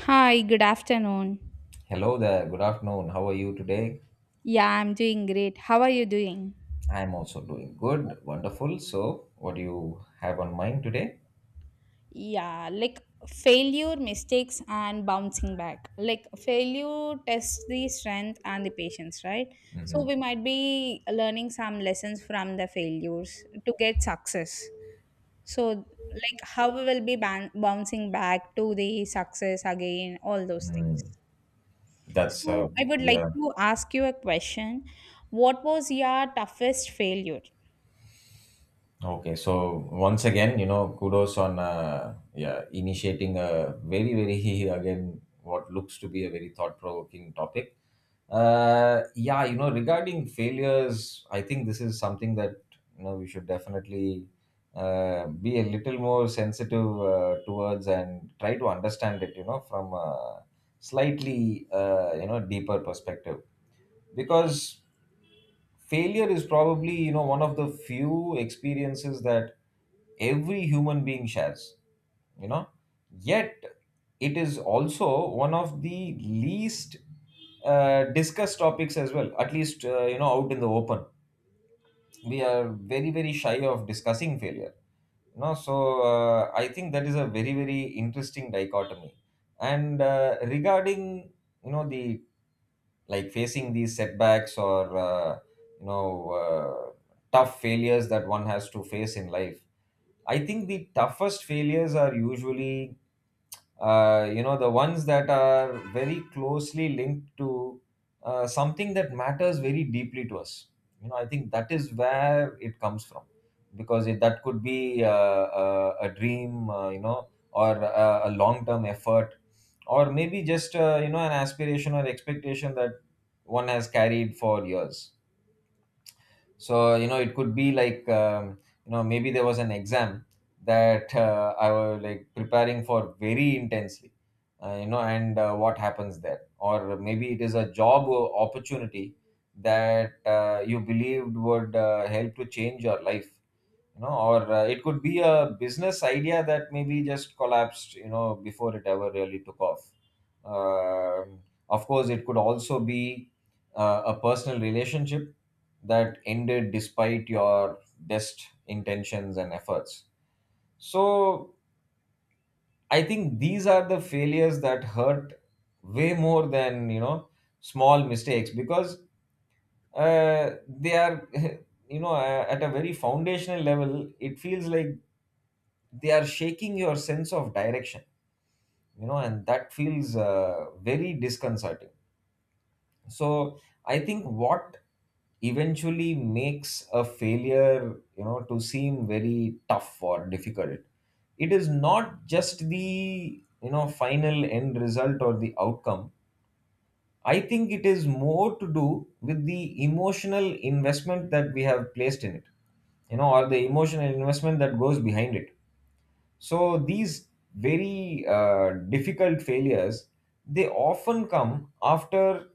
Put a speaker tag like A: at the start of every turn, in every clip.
A: Hi, good afternoon.
B: Hello there, good afternoon. How are you today?
A: Yeah, I'm doing great. How are you doing?
B: I'm also doing good, wonderful. So, what do you have on mind today?
A: Yeah, like failure, mistakes, and bouncing back. Like failure tests the strength and the patience, right?
B: Mm-hmm.
A: So we might be learning some lessons from the failures to get success. So, like how we will be bouncing back to the success again, all those
B: Mm-hmm.
A: things.
B: That's uh,
A: So, I would
B: yeah,
A: like to ask you a question. What was your toughest failure?
B: Okay, so once again, you know, kudos on yeah, initiating a very again what looks to be a very thought provoking topic. Yeah, you know, regarding failures, I think this is something that you know we should definitely be a little more sensitive towards and try to understand it, you know, from a slightly you know deeper perspective, because failure is probably you know one of the few experiences that every human being shares, you know, yet it is also one of the least discussed topics as well, at least you know out in the open. We are very shy of discussing failure, you know, so I think that is a very interesting dichotomy. And regarding you know the like facing these setbacks or you know uh, tough failures that one has to face in life, I think the toughest failures are usually you know the ones that are very closely linked to something that matters very deeply to us. You know, I think that is where it comes from, because that could be a dream, you know, or a long term effort, or maybe just you know an aspiration or expectation that one has carried for years. So, you know, it could be like you know maybe there was an exam that I was like preparing for very intensely, you know, and what happens there, or maybe it is a opportunity that you believed would help to change your life, you know, or it could be a business idea that maybe just collapsed, you know, before it ever really took off. Um, of course it could also be a personal relationship that ended despite your best intentions and efforts. So I think these are the failures that hurt way more than, you know, small mistakes, because uh, they are you know at a very foundational level it feels like they are shaking your sense of direction, you know, and that feels very disconcerting. So I think what eventually makes a failure, you know, to seem very tough or difficult, it is not just the you know final end result or the outcome. I think it is more to do with the emotional investment that we have placed in it, you know, or the emotional investment that goes behind it. So these very difficult failures, they often come after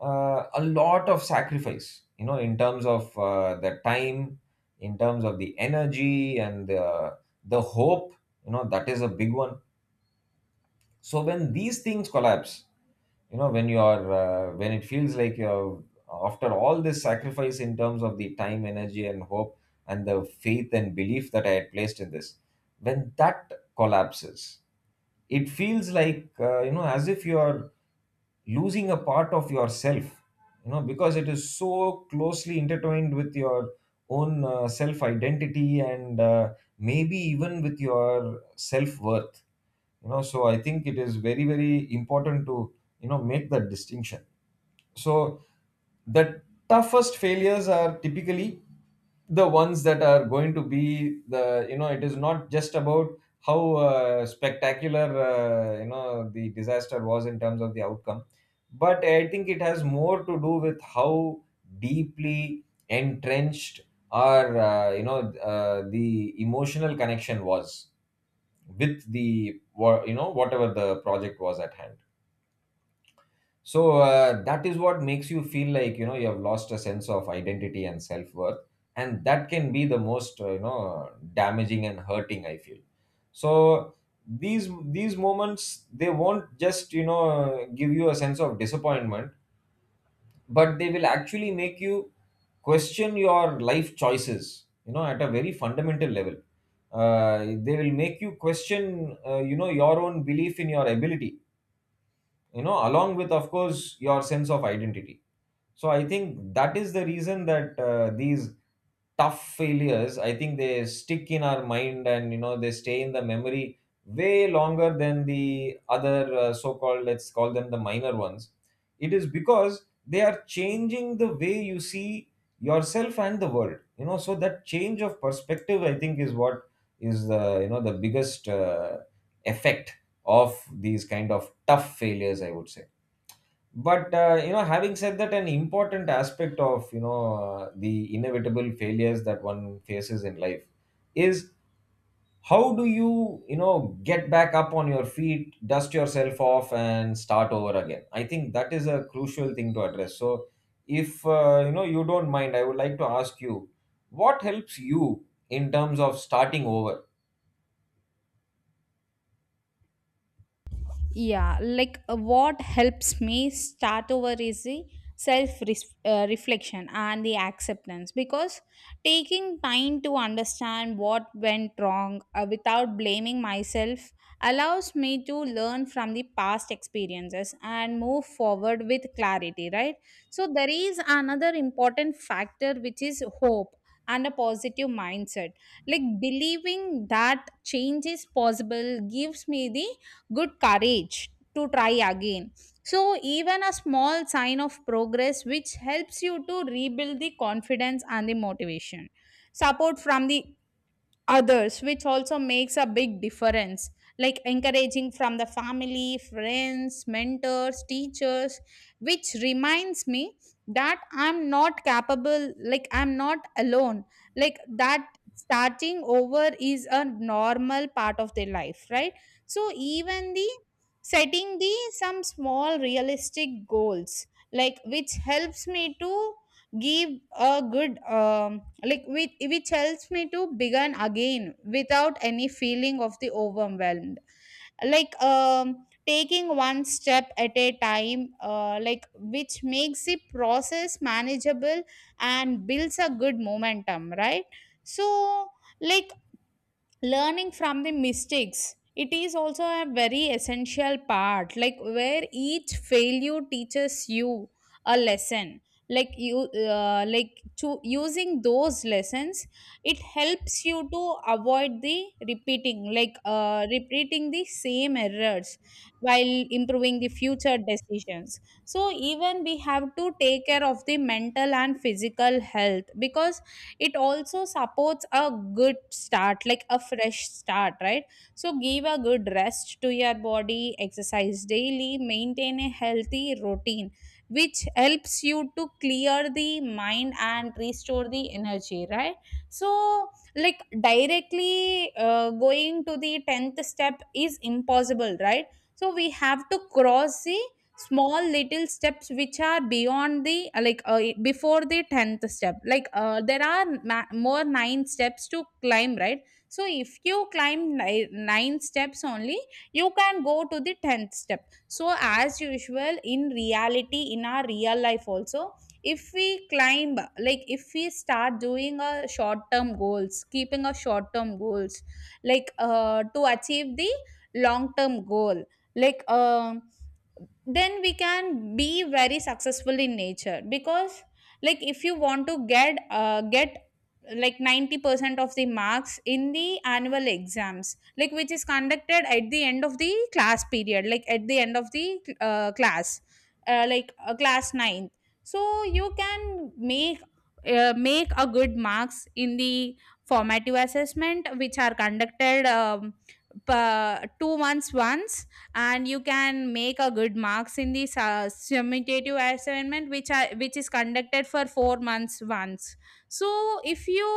B: a lot of sacrifice, you know, in terms of the time, in terms of the energy, and the hope, you know, that is a big one. So when these things collapse, you know, when you are when it feels like you're after all this sacrifice in terms of the time, energy and hope, and the faith and belief that I had placed in this, when that collapses, it feels like you know as if you are losing a part of yourself, you know, because it is so closely intertwined with your own self identity, and maybe even with your self worth. You know, so I think it is very important to you know make that distinction. So the toughest failures are typically the ones that are going to be the it is not just about how spectacular you know the disaster was in terms of the outcome, but I think it has more to do with how deeply entrenched our the emotional connection was with the you know whatever the project was at hand. So that is what makes you feel like, you know, you have lost a sense of identity and self-worth, and that can be the most you know damaging and hurting, I feel. So these these moments, they won't just you know give you a sense of disappointment, but they will actually make you question your life choices, you know, at a very fundamental level. uh, they will make you question you know your own belief in your ability, you know, along with of course your sense of identity. So I think that is the reason that these tough failures, I think they stick in our mind and you know they stay in the memory way longer than the other so called, let's call them the minor ones. It is because they are changing the way you see yourself and the world, you know, so that change of perspective I think is what is the you know the biggest effect of these kind of tough failures, I would say. But you know, having said that, an important aspect of you know the inevitable failures that one faces in life is, how do you you know get back up on your feet, dust yourself off and start over again. I think that is a crucial thing to address. So if you know you don't mind, I would like to ask you, what helps you in terms of starting over?
A: Yeah, like what helps me start over is the self reflection and the acceptance, because taking time to understand what went wrong without blaming myself allows me to learn from the past experiences and move forward with clarity, right? So there is another important factor, which is hope and a positive mindset. Like, believing that change is possible gives me the good courage to try again. So, even a small sign of progress which helps you to rebuild the confidence and the motivation. Support from the others which also makes a big difference, like encouraging from the family, friends, mentors, teachers, which reminds me that I'm not capable, like I'm not alone, like that starting over is a normal part of their life, right? So even the setting the some small realistic goals, like which helps me to give a good, like which helps me to begin again without any feeling of the overwhelmed. Like taking one step at a time, like which makes the process manageable and builds a good momentum, right? So, like, learning from the mistakes, it is also a very essential part, like where each failure teaches you a lesson. Like you like to using those lessons, it helps you to avoid the repeating, like repeating the same errors, while improving the future decisions. So even we have to take care of the mental and physical health, because it also supports a good start, like a fresh start, right? So give a good rest to your body, exercise daily, maintain a healthy routine, which helps you to clear the mind and restore the energy, right? So, like, directly going to the 10th step is impossible, right? So we have to cross the small little steps which are beyond the, before the 10th step, like there are more nine steps to climb, right? So if you climb nine steps only, you can go to the 10th step. So as usual, in reality, in our real life also, if we climb, like if we start doing a short term goals, keeping a short term goals, like to achieve the long term goal, like then we can be very successful in nature, because like if you want to get like 90% of the marks in the annual exams, like which is conducted at the end of the class period, like at the end of the class, class ninth. So you can make a good marks in the formative assessment, which are conducted per 2 months once, and you can make a good marks in the summative assignment, which is conducted for 4 months once. So if you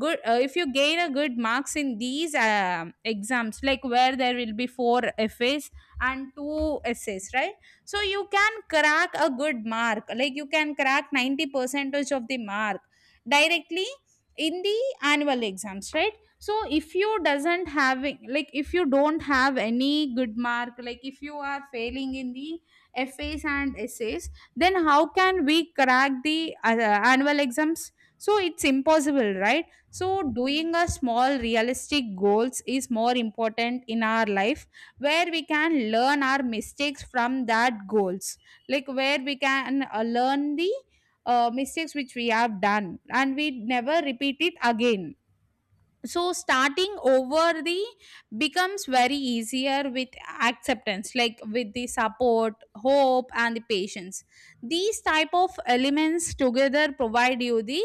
A: if you gain a good marks in these exams, like where there will be four essays and two essays, right? So you can crack a good mark, like you can crack 90 percentage of the mark directly in the annual exams, right? So if you doesn't having like if you don't have any good mark, like if you are failing in the essays and essays, then how can we crack the annual exams? So it's impossible, right? So doing a small realistic goals is more important in our life, where we can learn our mistakes from that goals, like where we can learn the mistakes which we have done and we never repeat it again. So starting over the becomes very easier with acceptance, like with the support, hope and the patience. These type of elements together provide you the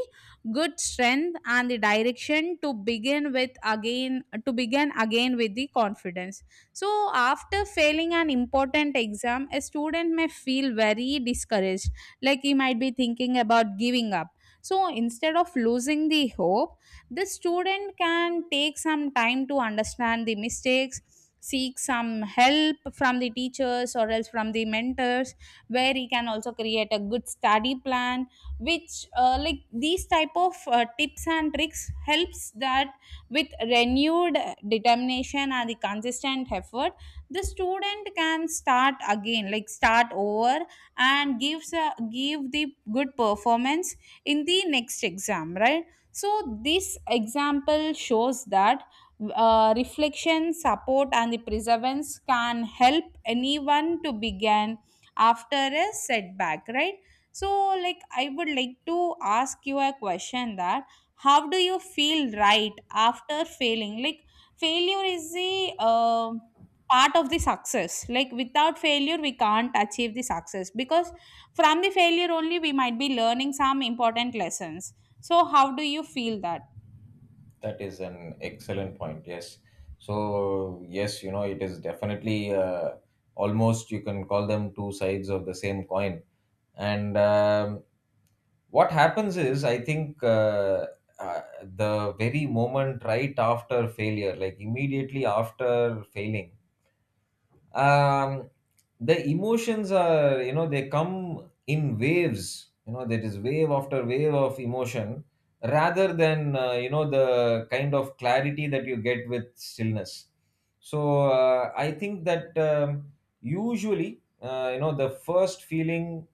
A: good strength and the direction to begin with again, to begin again with the confidence. So after failing an important exam, a student may feel very discouraged, like he might be thinking about giving up. So instead of losing the hope, the student can take some time to understand the mistakes, seek some help from the teachers or else from the mentors, where he can also create a good study plan, which like these type of tips and tricks helps that. With renewed determination and the consistent effort, the student can start again, like start over, and give the good performance in the next exam, right? So, this example shows that reflection, support, and the perseverance can help anyone to begin after a setback, right? So, like, I would like to ask you a question, that how do you feel right after failing? Like, failure is the part of the success. Like, without failure, we can't achieve the success, because from the failure only we might be learning some important lessons. So, how do you feel that?
B: That is an excellent point. Yes. So, yes, you know, it is definitely almost you can call them two sides of the same coin. And what happens is, I think the very moment right after failure, like immediately after failing, um, the emotions are you know they come in waves, you know, there is wave after wave of emotion, rather than you know the kind of clarity that you get with stillness. So I think that usually you know the first feeling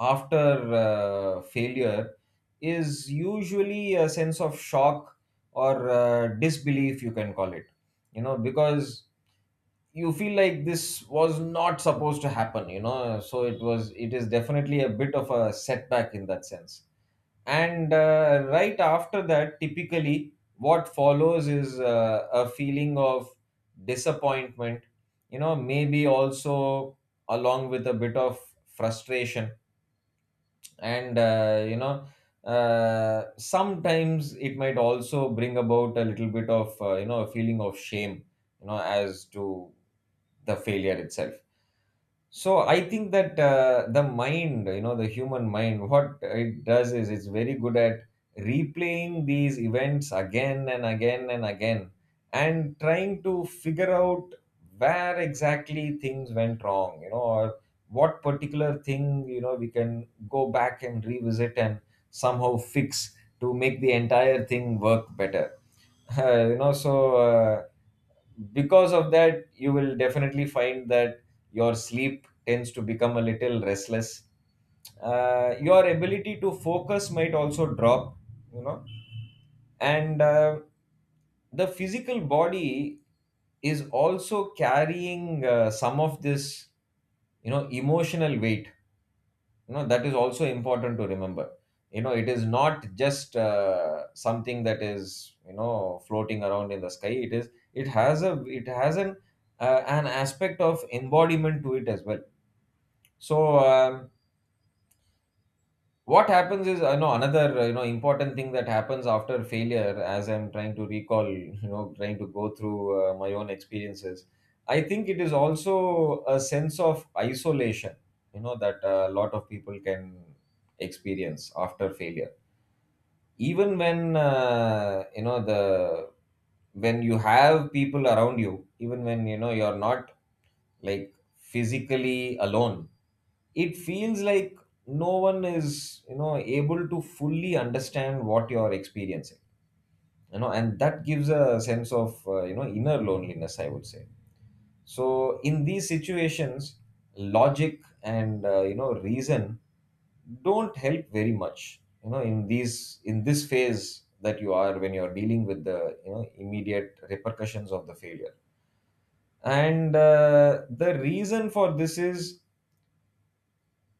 B: after failure is usually a sense of shock or disbelief, you can call it, you know, because you feel like this was not supposed to happen, you know, so it is definitely a bit of a setback in that sense. And right after that, typically what follows is a feeling of disappointment, you know, maybe also along with a bit of frustration, and you know sometimes it might also bring about a little bit of you know a feeling of shame, you know, as to the failure itself. So I think that the mind, you know, the human mind, what it does is it's very good at replaying these events again and again and again, and trying to figure out where exactly things went wrong, you know, or what particular thing, you know, we can go back and revisit and somehow fix to make the entire thing work better. You know, so because of that, you will definitely find that your sleep tends to become a little restless, your ability to focus might also drop, you know, and the physical body is also carrying some of this you know emotional weight. You know, that is also important to remember. You know, it is not just something that is you know floating around in the sky. It has a it has an aspect of embodiment to it as well. So, what happens is, I know another you know important thing that happens after failure, as I'm trying to recall, you know, trying to go through my own experiences. I think it is also a sense of isolation, you know, that a lot of people can experience after failure even when you know the when you have people around you even when you know you're not like physically alone. It feels like no one is you know able to fully understand what you're experiencing, you know, and that gives a sense of you know inner loneliness, I would say. So in these situations logic and you know reason don't help very much, you know, in these in this phase that you are when you are dealing with the you know immediate repercussions of the failure. And the reason for this is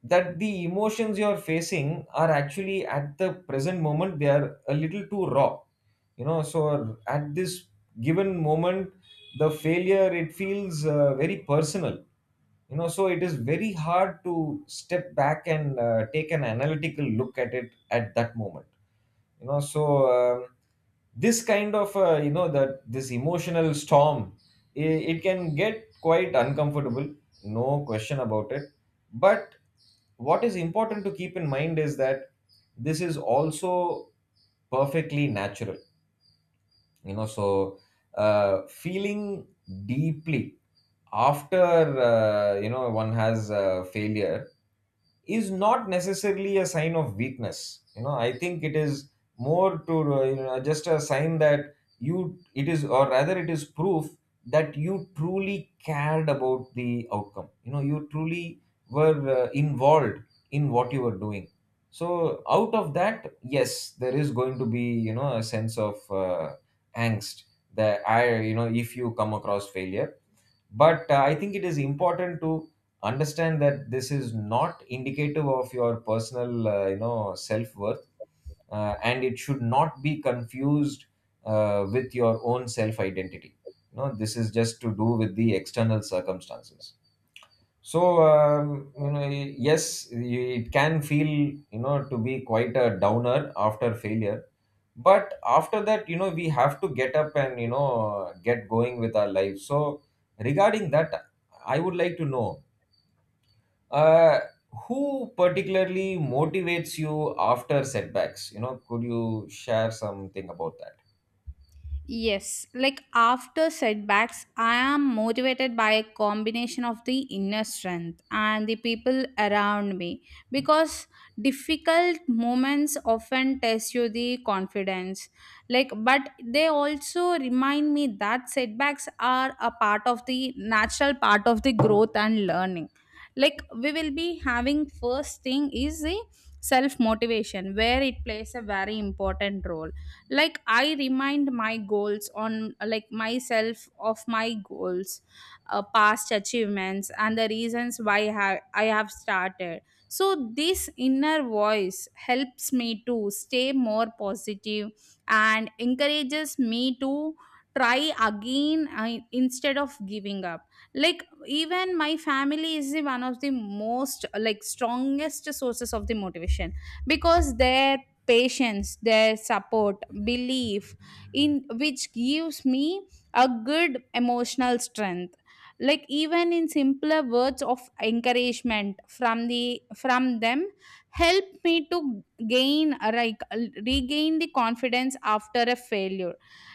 B: that the emotions you're facing are actually at the present moment they are a little too raw. You know, so at this given moment the failure it feels very personal. You know, so it is very hard to step back and take an analytical look at it at that moment. You know, so um, this kind of you know that this emotional storm, it, it can get quite uncomfortable, no question about it. But what is important to keep in mind is that this is also perfectly natural. You know, so feeling deeply after you know one has failure is not necessarily a sign of weakness. You know, I think it is more to you know just a sign that you it is, or rather it is proof that you truly cared about the outcome. You know, you truly were involved in what you were doing. So out of that, yes, there is going to be you know a sense of angst that I you know if you come across failure. But I think it is important to understand that this is not indicative of your personal you know self worth, and it should not be confused with your own self identity. You know, this is just to do with the external circumstances. So you know, yes, it can feel you know to be quite a downer after failure, but after that, you know, we have to get up and you know get going with our life. So regarding that, I would like to know uh, who particularly motivates you after setbacks. You know, could you share something about that?
A: Yes, like after setbacks, I am motivated by a combination of the inner strength and the people around me, because difficult moments often test you the confidence. Like, but they also remind me that setbacks are a part of the natural part of the growth and learning. Like, we will be having first thing is the self motivation, where it plays a very important role, like I remind my goals on, like myself of my goals, past achievements and the reasons why I have started. So this inner voice helps me to stay more positive and encourages me to try again, instead of giving up. Like, even my family is the one of the most, like, strongest sources of the motivation, because their patience, their support, belief, in which gives me a good emotional strength. Like, even in simpler words of encouragement from them help me to gain like regain the confidence after a failure.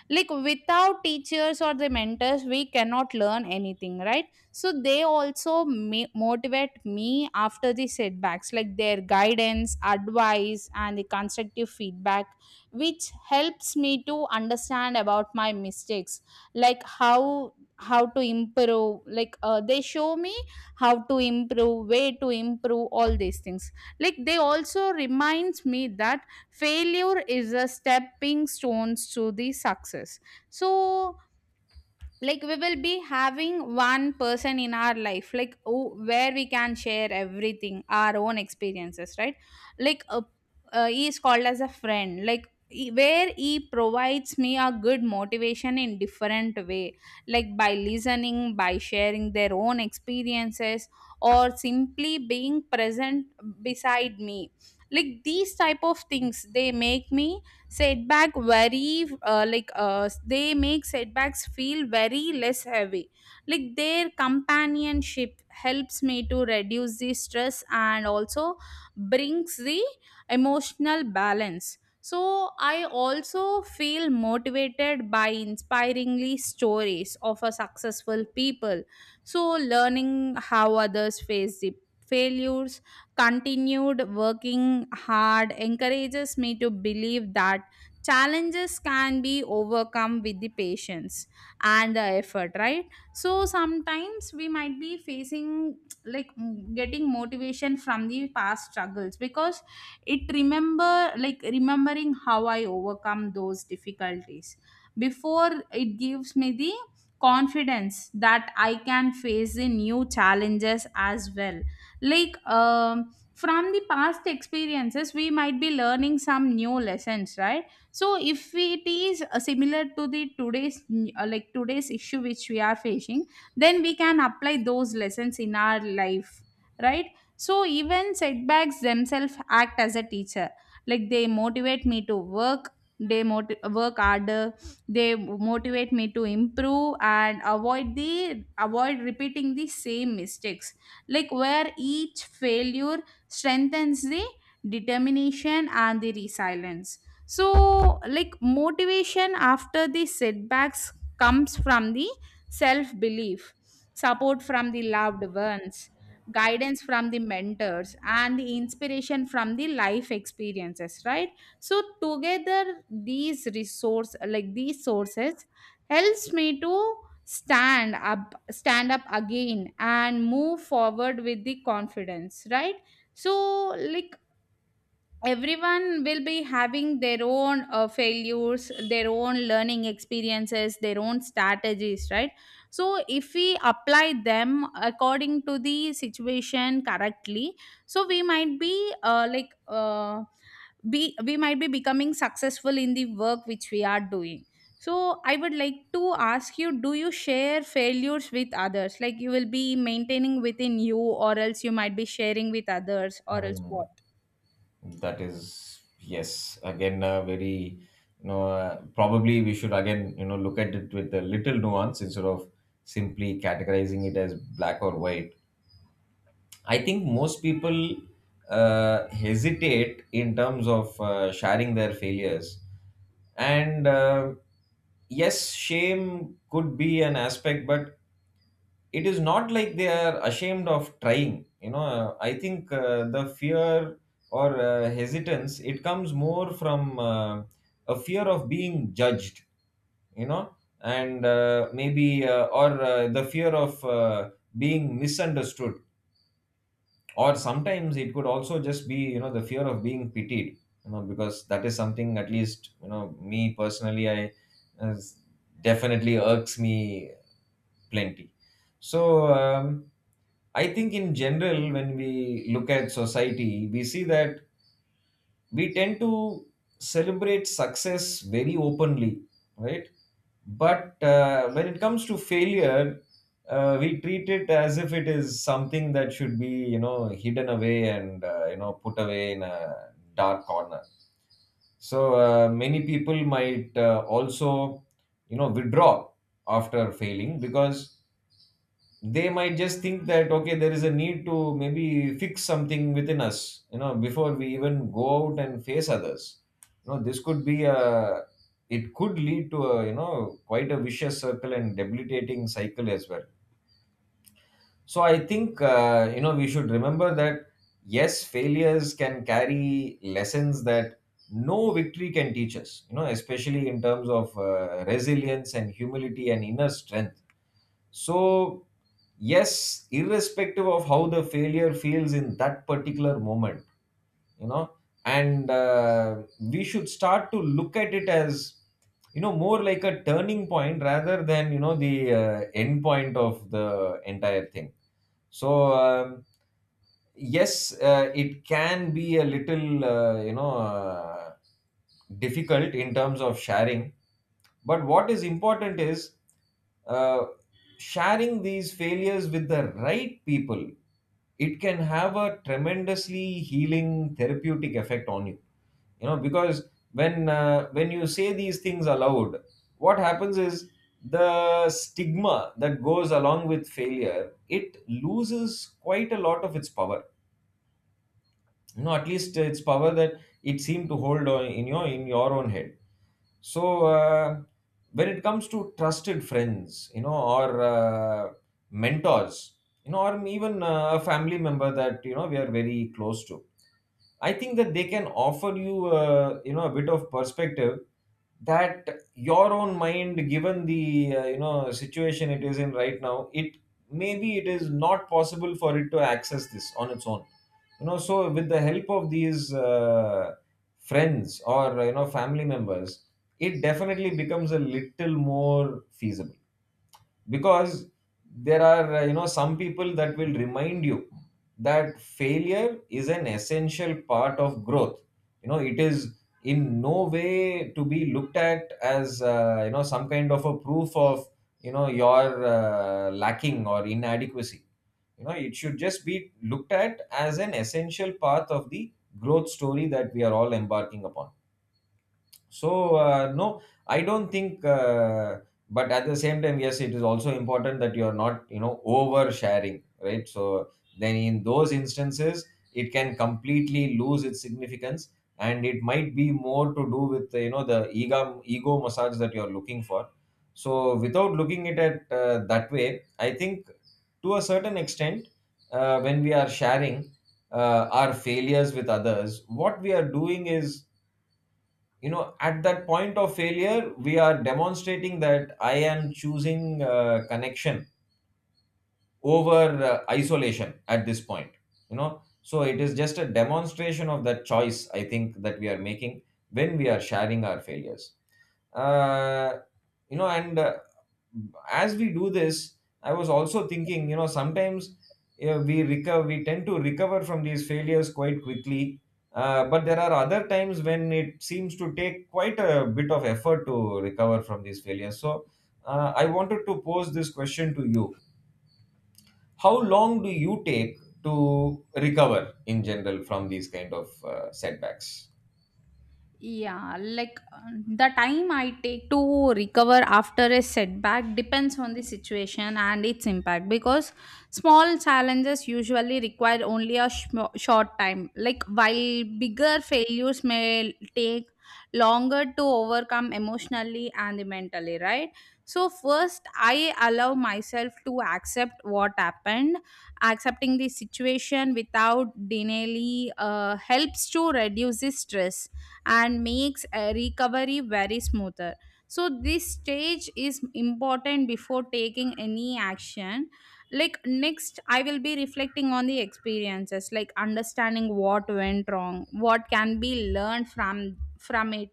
A: Like, without teachers or the mentors, we cannot learn anything, right? So they also motivate me after the setbacks, like their guidance, advice and the constructive feedback which helps me to understand about my mistakes. Like how to improve, like they show me how to improve, way to improve, all these things. Like, they also reminds me that failure is a stepping stones to the success. So, like, we will be having one person in our life, like, oh, where we can share everything, our own experiences, right? Like he is called as a friend, like where he provides me a good motivation in different way. Like, by listening, by sharing their own experiences, or simply being present beside me. Like these type of things, they make setbacks feel very less heavy. Like, their companionship helps me to reduce the stress, and also brings the emotional balance. So I also feel motivated by inspiringly stories of a successful people. So, learning how others face the failures, continued working hard, encourages me to believe that challenges can be overcome with the patience and the effort, right? So sometimes we might be facing, like getting motivation from the past struggles, because it remember like remembering how I overcome those difficulties before, it gives me the confidence that I can face the new challenges as well. Like from the past experiences, we might be learning some new lessons, right? So if it is similar to the today's issue which we are facing, then we can apply those lessons in our life, right? So even setbacks themselves act as a teacher, like they motivate me to work, they work harder, they motivate me to improve and avoid repeating the same mistakes. Like, where each failure strengthens the determination and the resilience. So, like, motivation after the setbacks comes from the self belief, support from the loved ones, guidance from the mentors and the inspiration from the life experiences, right? So, together, these resource like these sources helps me to stand up again and move forward with the confidence, right? So, like, everyone will be having their own failures, their own learning experiences, their own strategies, right? So if we apply them according to the situation correctly, so we might be like be we might be becoming successful in the work which we are doing. So I would like to ask you, do you share failures with others? Like, you will be maintaining within you, or else you might be sharing with others, or else
B: Hmm.
A: what?
B: That is, yes, again, a very, probably we should again, you know, look at it with a little nuance instead of simply categorizing it as black or white. I think most people hesitate in terms of sharing their failures. And yes, shame could be an aspect, but it is not like they are ashamed of trying, you know. I think the fear or hesitance it comes more from uh, a fear of being judged, you know, and maybe or the fear of being misunderstood, or sometimes it could also just be you know the fear of being pitied. You know, because that is something, at least you know me personally, I uh, definitely irks me plenty. So I think in general, when we look at society, we see that we tend to celebrate success very openly, right? But when it comes to failure, we treat it as if it is something that should be, you know, hidden away and you know put away in a dark corner. So many people might also, you know, withdraw after failing, because they might just think that okay there is a need to maybe fix something within us you know before we even go out and face others. You know, this could be a it could lead to a you know quite a vicious circle and debilitating cycle as well. So I think you know we should remember that yes failures can carry lessons that no victory can teach us, you know, especially in terms of resilience and humility and inner strength. So, yes, irrespective of how the failure feels in that particular moment, you know, and we should start to look at it as, you know, more like a turning point rather than, you know, the end point of the entire thing. So yes, it can be a little difficult in terms of sharing. But what is important is uh, sharing these failures with the right people. It can have a tremendously healing therapeutic effect on you, you know, because when you say these things aloud, what happens is the stigma that goes along with failure it loses quite a lot of its power. No, at least its power that it seemed to hold on in your own head. So when it comes to trusted friends, you know, or mentors, you know, or even a family member that you know we are very close to, I think that they can offer you you know a bit of perspective that your own mind given the you know situation it is in right now it maybe it is not possible for it to access this on its own. You know, so with the help of these friends or you know family members it definitely becomes a little more feasible, because there are you know some people that will remind you that failure is an essential part of growth. You know, it is in no way to be looked at as you know some kind of a proof of you know your lacking or inadequacy. You know, it should just be looked at as an essential part of the growth story that we are all embarking upon. So no, I don't think but at the same time yes it is also important that you are not you know oversharing, right? So then in those instances it can completely lose its significance, and it might be more to do with you know the ego massage that you are looking for. So without looking it at that way, I think, to a certain extent, when we are sharing our failures with others what we are doing is you know at that point of failure we are demonstrating that I am choosing connection over isolation at this point. You know, so it is just a demonstration of that choice, I think, that we are making when we are sharing our failures, uh, you know. And as we do this, I was also thinking you know sometimes you know, we tend to recover from these failures quite quickly, but there are other times when it seems to take quite a bit of effort to recover from these failures. So I wanted to pose this question to you: how long do you take to recover in general from these kind of setbacks?
A: Yeah, like the time I take to recover after a setback depends on the situation and its impact, because small challenges usually require only a short time. Like, while bigger failures may take longer to overcome emotionally and mentally, right? So, first, I allow myself to accept what happened. Accepting the situation without denial helps to reduce the stress and makes a recovery very smoother. So, this stage is important before taking any action. Like, next, I will be reflecting on the experiences, like understanding what went wrong, what can be learned from it,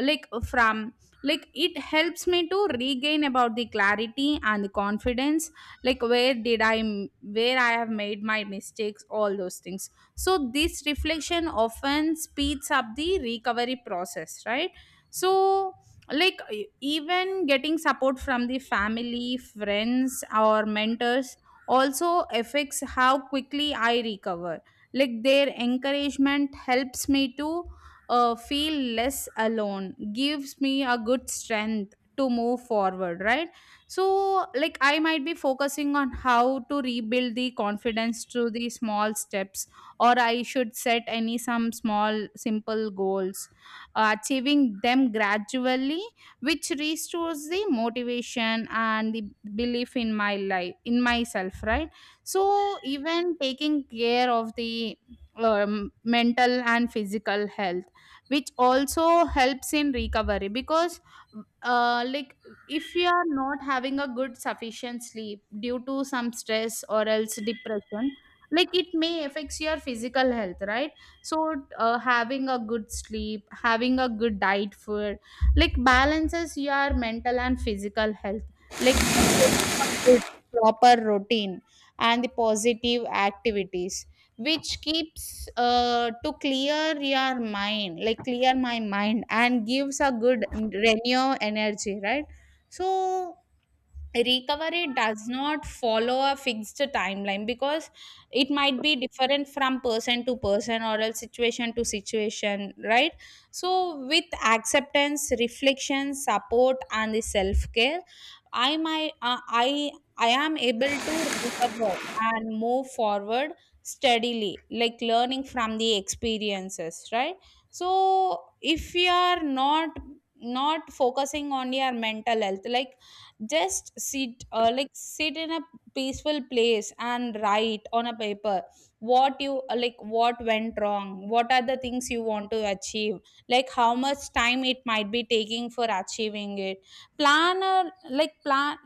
A: like from like it helps me to regain about the clarity and the confidence, like where I have made my mistakes, all those things. So this reflection often speeds up the recovery process, right? So, like, even getting support from the family, friends or mentors also affects how quickly I recover. Like, their encouragement helps me to feel less alone, gives me a good strength to move forward, right? So, like, I might be focusing on how to rebuild the confidence through the small steps, or I should set any some small simple goals, achieving them gradually, which restores the motivation and the belief in my life, in myself, right? So even taking care of the mental and physical health, which also helps in recovery, because like if you are not having a good sufficient sleep due to some stress or else depression, like it may affects your physical health, right? So having a good sleep, having a good diet food, like balances your mental and physical health. Like taking a good proper routine and the positive activities, which keeps to clear my mind and gives a good renew energy, right? So, recovery does not follow a fixed timeline, because it might be different from person to person, or else situation to situation, right? So with acceptance, reflection, support and the self care, I my I am able to recover and move forward steadily, like learning from the experiences, right? So if you are not focusing on your mental health, like just sit like sit in a peaceful place and write on a paper what you like what went wrong, what are the things you want to achieve, like how much time it might be taking for achieving it, plan a like plan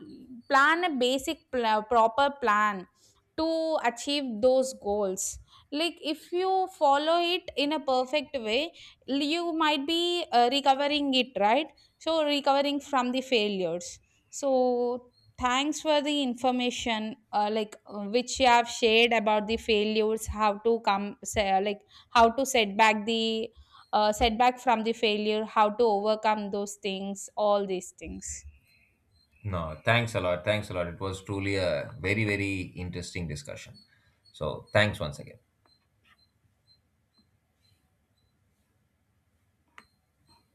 A: plan a basic proper plan to achieve those goals. Like if you follow it in a perfect way, you might be recovering it, right? So, recovering from the failures. So thanks for the information, which you have shared about the failures, how to come, say, like how to set back the setback from the failure, how to overcome those things, all these things.
B: No, thanks a lot. Thanks a lot. It was truly a very, very interesting discussion. So, thanks once again.